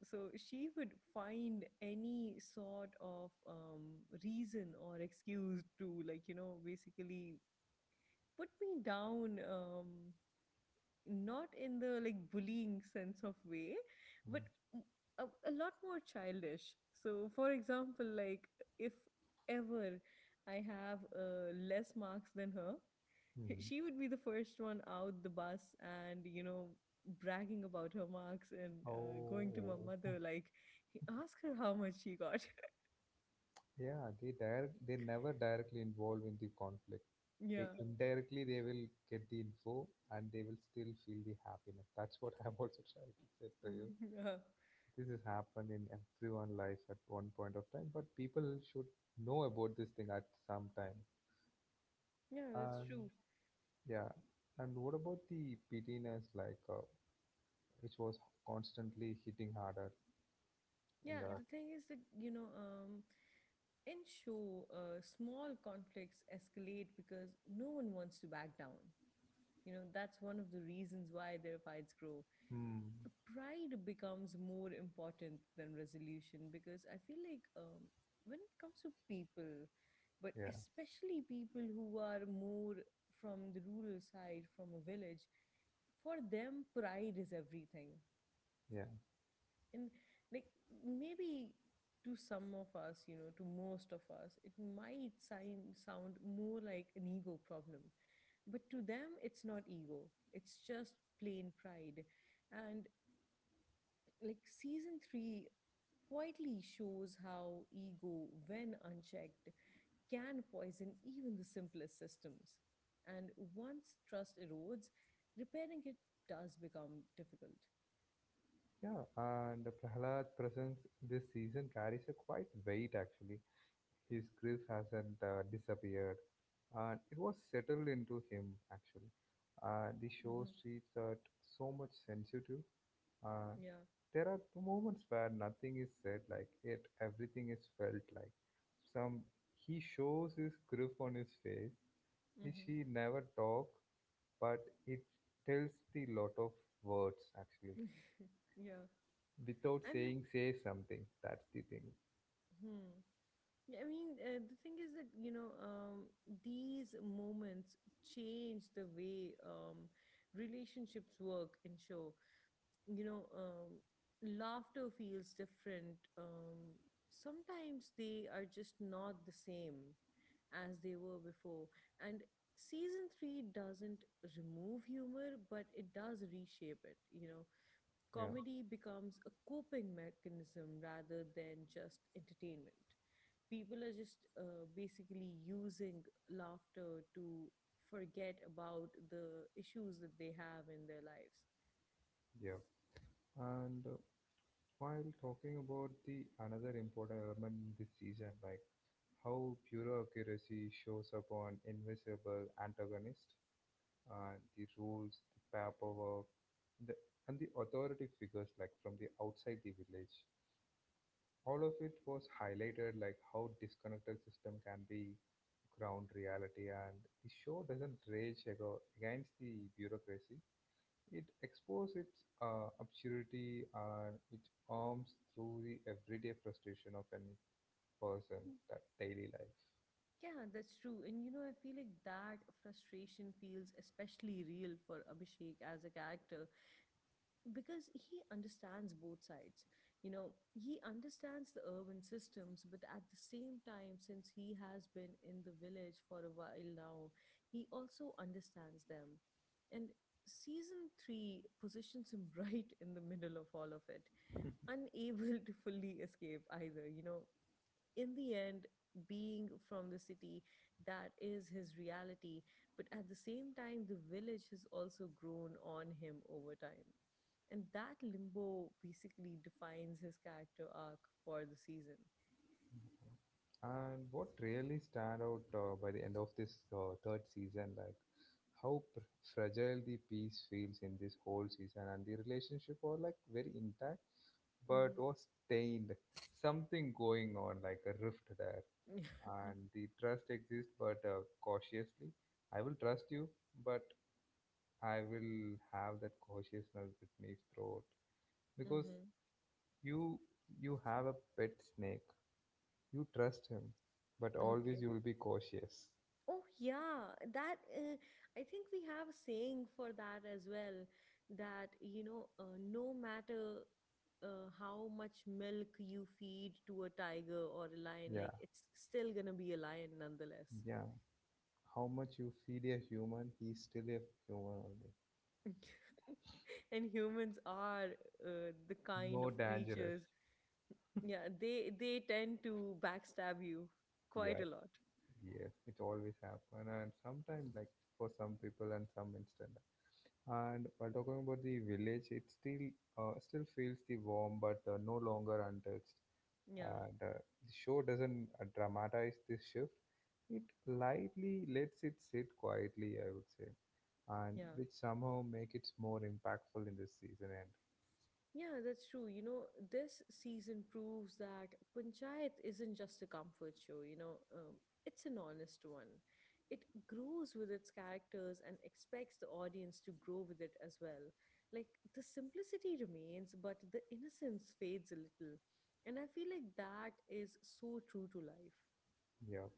So she would find any sort of reason or excuse to, like, you know, basically put me down. Not in the like bullying sense of way, but a lot more childish. So for example, like if ever I have less marks than her, Mhm. she would be the first one out the bus and, you know, bragging about her marks and going to my Oh, mother like, ask her how much she got. yeah, they never directly involve in the conflict. They Yeah. indirectly they will get the info and they will still feel the happiness. That's what I'm also trying to say to you. Yeah. This has happened in everyone life at one point of time, but people should know about this thing at some time. Yeah, that's And true. yeah, and what about the pettiness, like which was constantly hitting harder in Yeah, Yeah. that? the thing is that, you know, in show, small conflicts escalate because no one wants to back down. You know, that's one of the reasons why their fights grow. Hmm. Pride becomes more important than resolution, because I feel like, when it comes to people, but Yeah, especially people who are more from the rural side, from a village, for them, pride is everything. yeah, And like, maybe to some of us, you know, to most of us, it might sound more like an ego problem. But to them, it's not ego, it's just plain pride. And like, season three quietly shows how ego, when unchecked, can poison even the simplest systems. And once trust erodes, repairing it does become difficult. yeah. And Prahlad's presence this season carries a quite weight actually. His grief hasn't disappeared, and it was settled into him actually. The show Hmm. treats that so much sensitive. Uh, Yeah. there are two moments where nothing is said, like yet everything is felt. Like some, he shows his grief on his face, which he never talk, but it tells the lot of words actually, Yeah. without I mean, saying say something. That's the thing. hmm. Yeah, I mean, the thing is that, you know, these moments change the way relationships work and show. You know, laughter feels different. Sometimes they are just not the same as they were before. And season three doesn't remove humor, but it does reshape it, you know. Yeah, Comedy becomes a coping mechanism rather than just entertainment. People are just basically using laughter to forget about the issues that they have in their lives. yeah. And while talking about the another important element in this season, like how pure accuracy shows up on invisible antagonist, and the rules, the paperwork, the, and the authority figures like from the outside the village. All of it was highlighted like how disconnected system can be, ground reality, and the show doesn't rage ago against the bureaucracy. It exposes its obscurity, and it arms through the everyday frustration of any person that daily life. Yeah, that's true. And you know, I feel like that frustration feels especially real for Abhishek as a character, because he understands both sides. You know, he understands the urban systems, but at the same time, since he has been in the village for a while now, he also understands them. And season 3 positions him right in the middle of all of it, unable to fully escape either, you know. In the end, being from the city, that is his reality. But at the same time, the village has also grown on him over time. And that limbo basically defines his character arc for the season. And what really stand out by the end of this third season, like how fragile the piece feels in this whole season, and the relationship are like very intact but Mm-hmm. was stained, something going on like a rift there, and the trust exists but cautiously. I will trust you, but I will have that cautiousness with me throughout, because Mm-hmm. you you have a pet snake, you trust him, but always Okay. you will be cautious. Oh yeah, that I think we have a saying for that as well, that you know, no matter how much milk you feed to a tiger or a lion, Yeah, like it's still going to be a lion nonetheless. yeah, how much you feed a human, he's still a human only, And humans are the kind of more dangerous. creatures, yeah, they tend to backstab you quite Yeah, a lot. yes, it always happen, and sometimes like for some people and some instant. And while talking about the village, it still feels the warm, but no longer untouched. Yeah. And the show doesn't dramatize this shift; it lightly lets it sit quietly, I would say, and Yeah. which somehow make it more impactful in this season end. Yeah, that's true. You know, this season proves that Panchayat isn't just a comfort show, you know. It's an honest one. It grows with its characters and expects the audience to grow with it as well. Like, the simplicity remains, but the innocence fades a little. And I feel like that is so true to life. Yeah,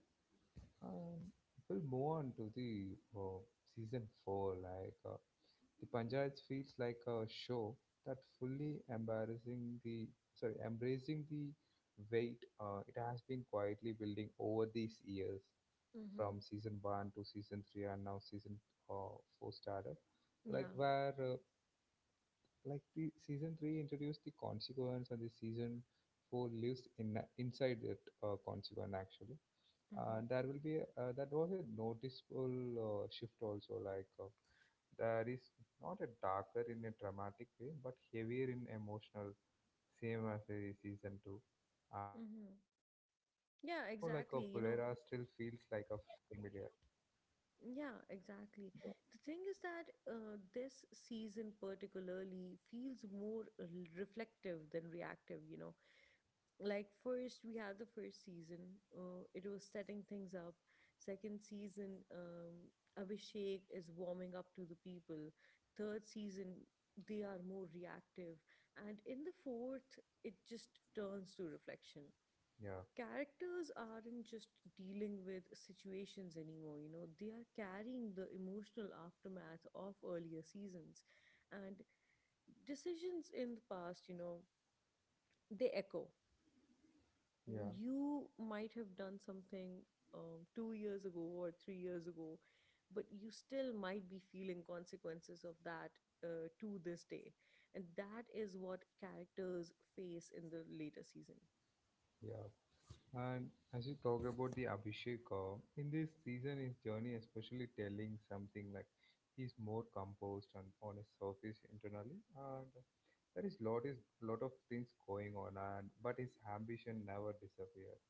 and we'll move on to the season four, like. The Panchayats feels like a show that fully embracing the sorry embracing the weight it has been quietly building over these years Mm-hmm. from season one to season three and now season four started Yeah. like where like the season three introduced the consequence and the season four lives in inside that consequence actually. Mm-hmm. And there will be a, that was a noticeable shift also, like there is not a darker in a dramatic way, but heavier in emotional, same as a season two. Mm-hmm. And Yeah, like a exactly. You know, Pulera still feels like a familiar. yeah, exactly. The thing is that this season particularly feels more reflective than reactive, you know. Like, first, we had the first season, it was setting things up. Second season, Abhishek is warming up to the people. Third season, they are more reactive. And in the fourth, it just turns to reflection. Yeah, Characters aren't just dealing with situations anymore, you know. They are carrying the emotional aftermath of earlier seasons and decisions in the past, you know. They echo. yeah, You might have done something 2 years ago or 3 years ago, but you still might be feeling consequences of that to this day. And that is what characters face in the later season. yeah. And as you talk about the Abhishek, in this season, his journey especially telling something like he's more composed and on his surface internally, and there is lot of things going on, and but his ambition never disappears.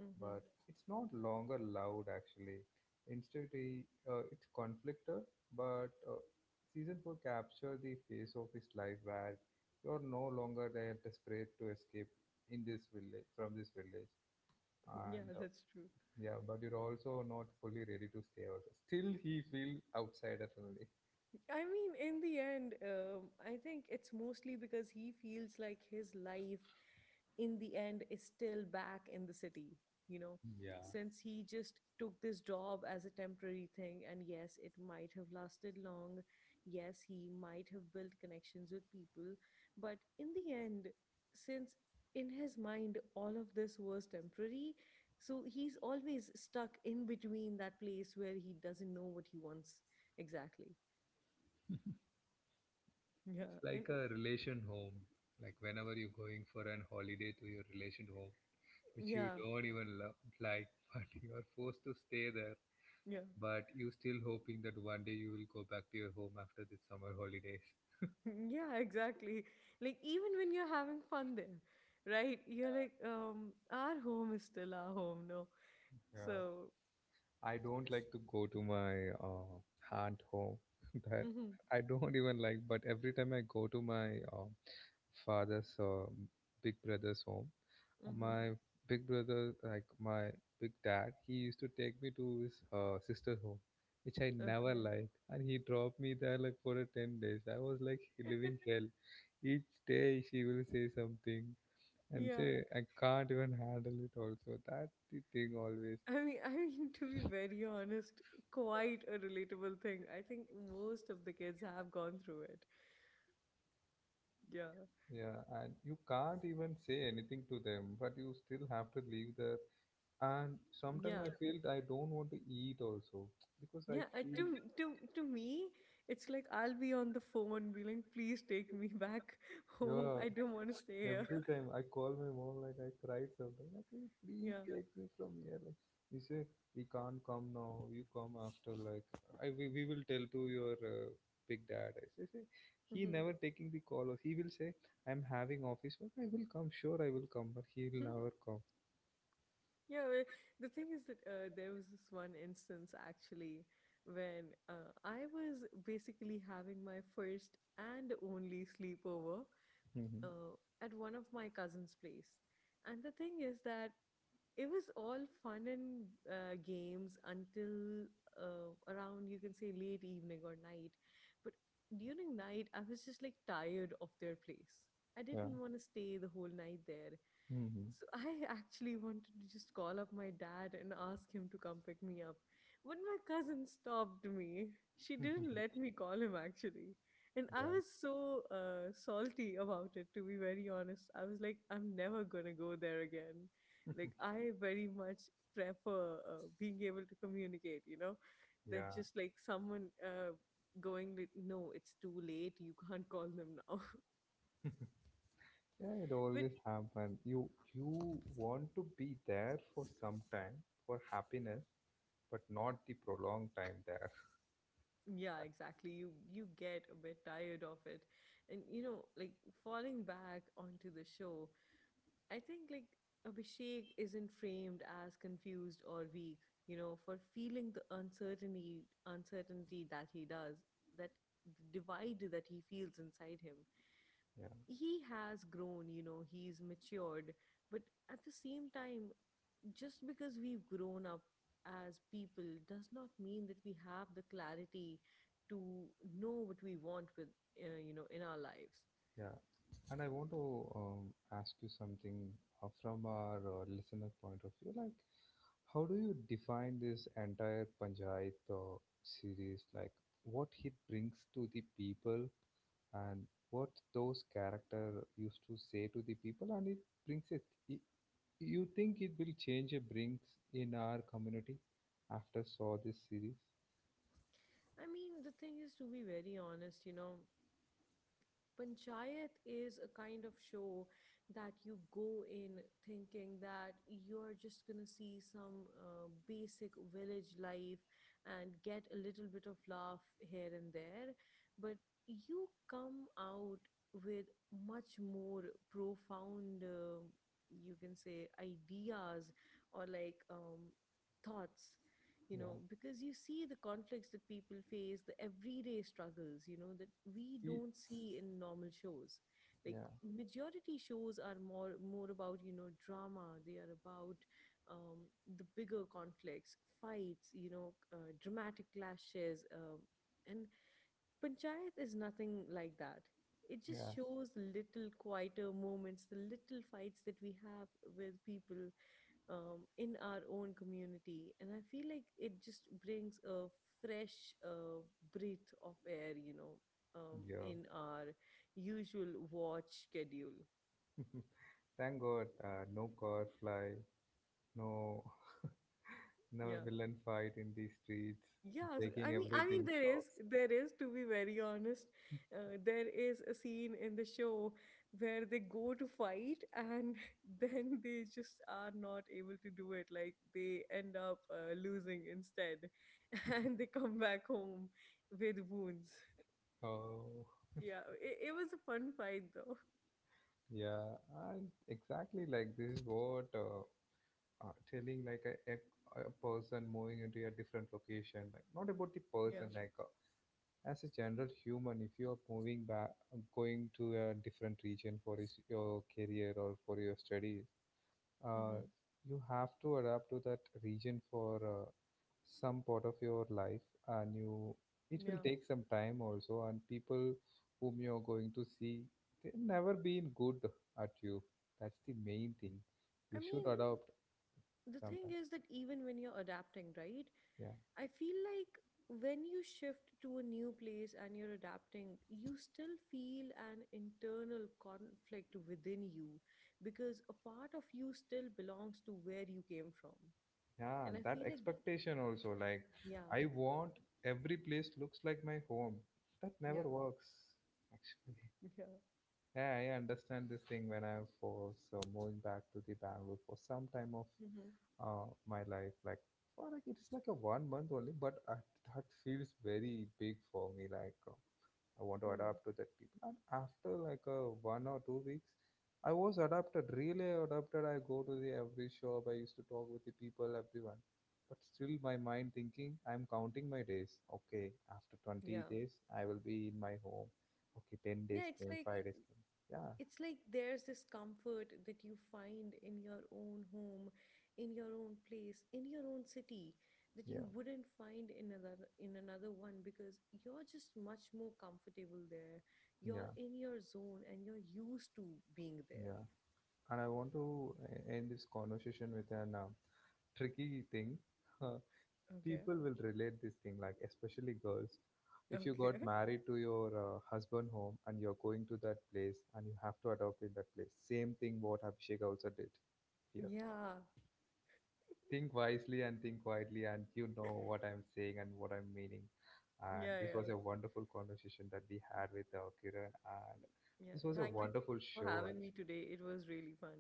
Hmm. But it's not longer loud actually. Instead, he, it's conflicted, but season 4 capture the face of his life where you're no longer there desperate to escape in this village from this village Yeah, and that's true. yeah, but you're also not fully ready to stay also, still he feels outsider only. I mean, in the end, I think it's mostly because he feels like his life in the end is still back in the city, you know, Yeah, since he just took this job as a temporary thing. And yes, it might have lasted long. Yes, he might have built connections with people. But in the end, since in his mind all of this was temporary, so he's always stuck in between that place where he doesn't know what he wants exactly. Yeah, it's and like a relation home. Like whenever you're going for an holiday to your relation home, which you yeah, don't even love, like, but you are forced to stay there, yeah, but you still hoping that one day you will go back to your home after the summer holidays. yeah, exactly. Like even when you're having fun there, right? You're like, our home is still our home, no? Yeah, So, I don't like to go to my aunt home. That mm-hmm, I don't even like. But every time I go to my father's big brother's home, mm-hmm, my big brother, like my big dad, he used to take me to his sister's home, which I never okay, liked, and he dropped me there like for a 10 days. I was like living hell. Each day she will say something, and yeah. say I can't even handle it also. That the thing always. I mean, to be very honest, quite a relatable thing. I think most of the kids have gone through it. Yeah, Yeah, and you can't even say anything to them, but you still have to leave there. And sometimes yeah, I feel I don't want to eat also because I yeah. I, feel. to me, it's like I'll be on the phone, be like, please take me back home. Yeah, I don't want to stay here. every time I call my mom, like I cried sometimes. Like, "Hey, please Yeah. take me from here. Like, you say we can't come now. You come after. Like, we will tell to your big dad. I say, say, he Hmm. never taking the call. Or he will say, I'm having office work. I will come. Sure, I will come. But he will never come." Yeah, well, the thing is that there was this one instance actually when I was basically having my first and only sleepover Hmm. uh, at one of my cousin's place. And the thing is that it was all fun and games until around, you can say, late evening or night. But during night I was just like tired of their place, I Yeah. didn't want to stay the whole night there. Hmm. So I actually wanted to just call up my dad and ask him to come pick me up, but my cousin stopped me. She didn't let me call him actually. And I Yeah. was so salty about it, to be very honest. I was like, I'm never gonna go there again. Like, I very much prefer being able to communicate, you know, than Yeah. just like someone going, like, no, it's too late. You can't call them now. Yeah, it But always happens. You want to be there for some time for happiness, but not the prolonged time there. yeah, exactly. You get a bit tired of it, and you know, like falling back onto the show. I think like Abhishek isn't framed as confused or weak, you know, for feeling the uncertainty that he does, that the divide that he feels inside him. Yeah, He has grown, you know, he's matured. But at the same time, just because we've grown up as people does not mean that we have the clarity to know what we want with, you know, in our lives. yeah. And I want to ask you something from our listener point of view. Like, how do you define this entire Panchayat series? Like, what it brings to the people and what those character used to say to the people, and it brings it. You think it will change a brings in our community after saw this series? I mean, the thing is, to be very honest, you know, Panchayat is a kind of show that you go in thinking that you're just going to see some basic village life and get a little bit of laugh here and there. But you come out with much more profound, you can say, ideas, or like, thoughts, you Yeah. know, because you see the conflicts that people face, the everyday struggles, you know, that we It, don't see in normal shows. Like, yeah. majority shows are more about, you know, drama. They are about, um, the bigger conflicts, fights, you know, dramatic clashes, and Panchayat is nothing like that. It Yeah. just shows the little quieter moments, the little fights that we have with people in our own community. And I feel like it just brings a fresh breath of air, you know, Yeah. in our usual watch schedule. Thank God, no car fly, no no Yeah. villain fight in the streets, Yes, breaking I mean, everything shops. there is, to be very honest, there is a scene in the show where they go to fight and then they just are not able to do it. Like, they end up losing instead, and they come back home with wounds. Oh, Yeah, it was a fun fight though. yeah, and exactly like this is what telling like a, a person moving into a different location, like not about the person, Yeah, like as a general human, if you are moving back, going to a different region for your career or for your studies, uh, hmm, you have to adapt to that region for some part of your life, and you it will yeah. take some time also. And people whom you're going to see, they never be good at you. That's the main thing I you should mean, adopt the thing sometime. is that even when you're adapting, right? Yeah, I feel like when you shift to a new place and you're adapting, you still feel an internal conflict within you, because a part of you still belongs to where you came from. yeah, And I that feel like, expectation also, like, yeah, I want every place looks like my home. That never yeah, works actually. yeah. Yeah, I understand this thing when I was moving back to the Bangalore for some time of Hmm. My life. Like for like it is like a 1 month only, but I, that feels very big for me. Like I want to Hmm. adapt to that people. And after like a 1 or 2 weeks, I was adapted, really adapted. I go to the every shop. I used to talk with the people, everyone. But still, my mind thinking, I'm counting my days. Okay, after 20 Yeah. days, I will be in my home. Okay, 10 Yeah, days it's came, like, 5 days came. Yeah, it's like there's this comfort that you find in your own home, in your own place, in your own city, that you yeah, wouldn't find in another, in another one, because you're just much more comfortable there. You're yeah, in your zone and you're used to being there. yeah. And I want to end this conversation with an tricky thing. Okay. People will relate this thing, like especially girls, if you got Okay. married to your husband home and you're going to that place and you have to adopt in that place, same thing what Abhishek also did here. Yeah. Think wisely and think quietly, and you know what I'm saying and what I'm meaning. And Yeah. this Yeah. was a wonderful conversation that we had with Kiran, and Yeah, this was a thank you so wonderful much for show. having me today. It was really fun.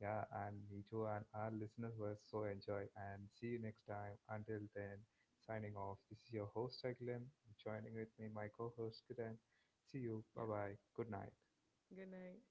Yeah, and me too, and our listeners will so enjoy. And see you next time. Until then, signing off. This is your host, Aguilem. Joining with me, my co host, Kiran. See you. Bye Yeah, bye. Good night. good night.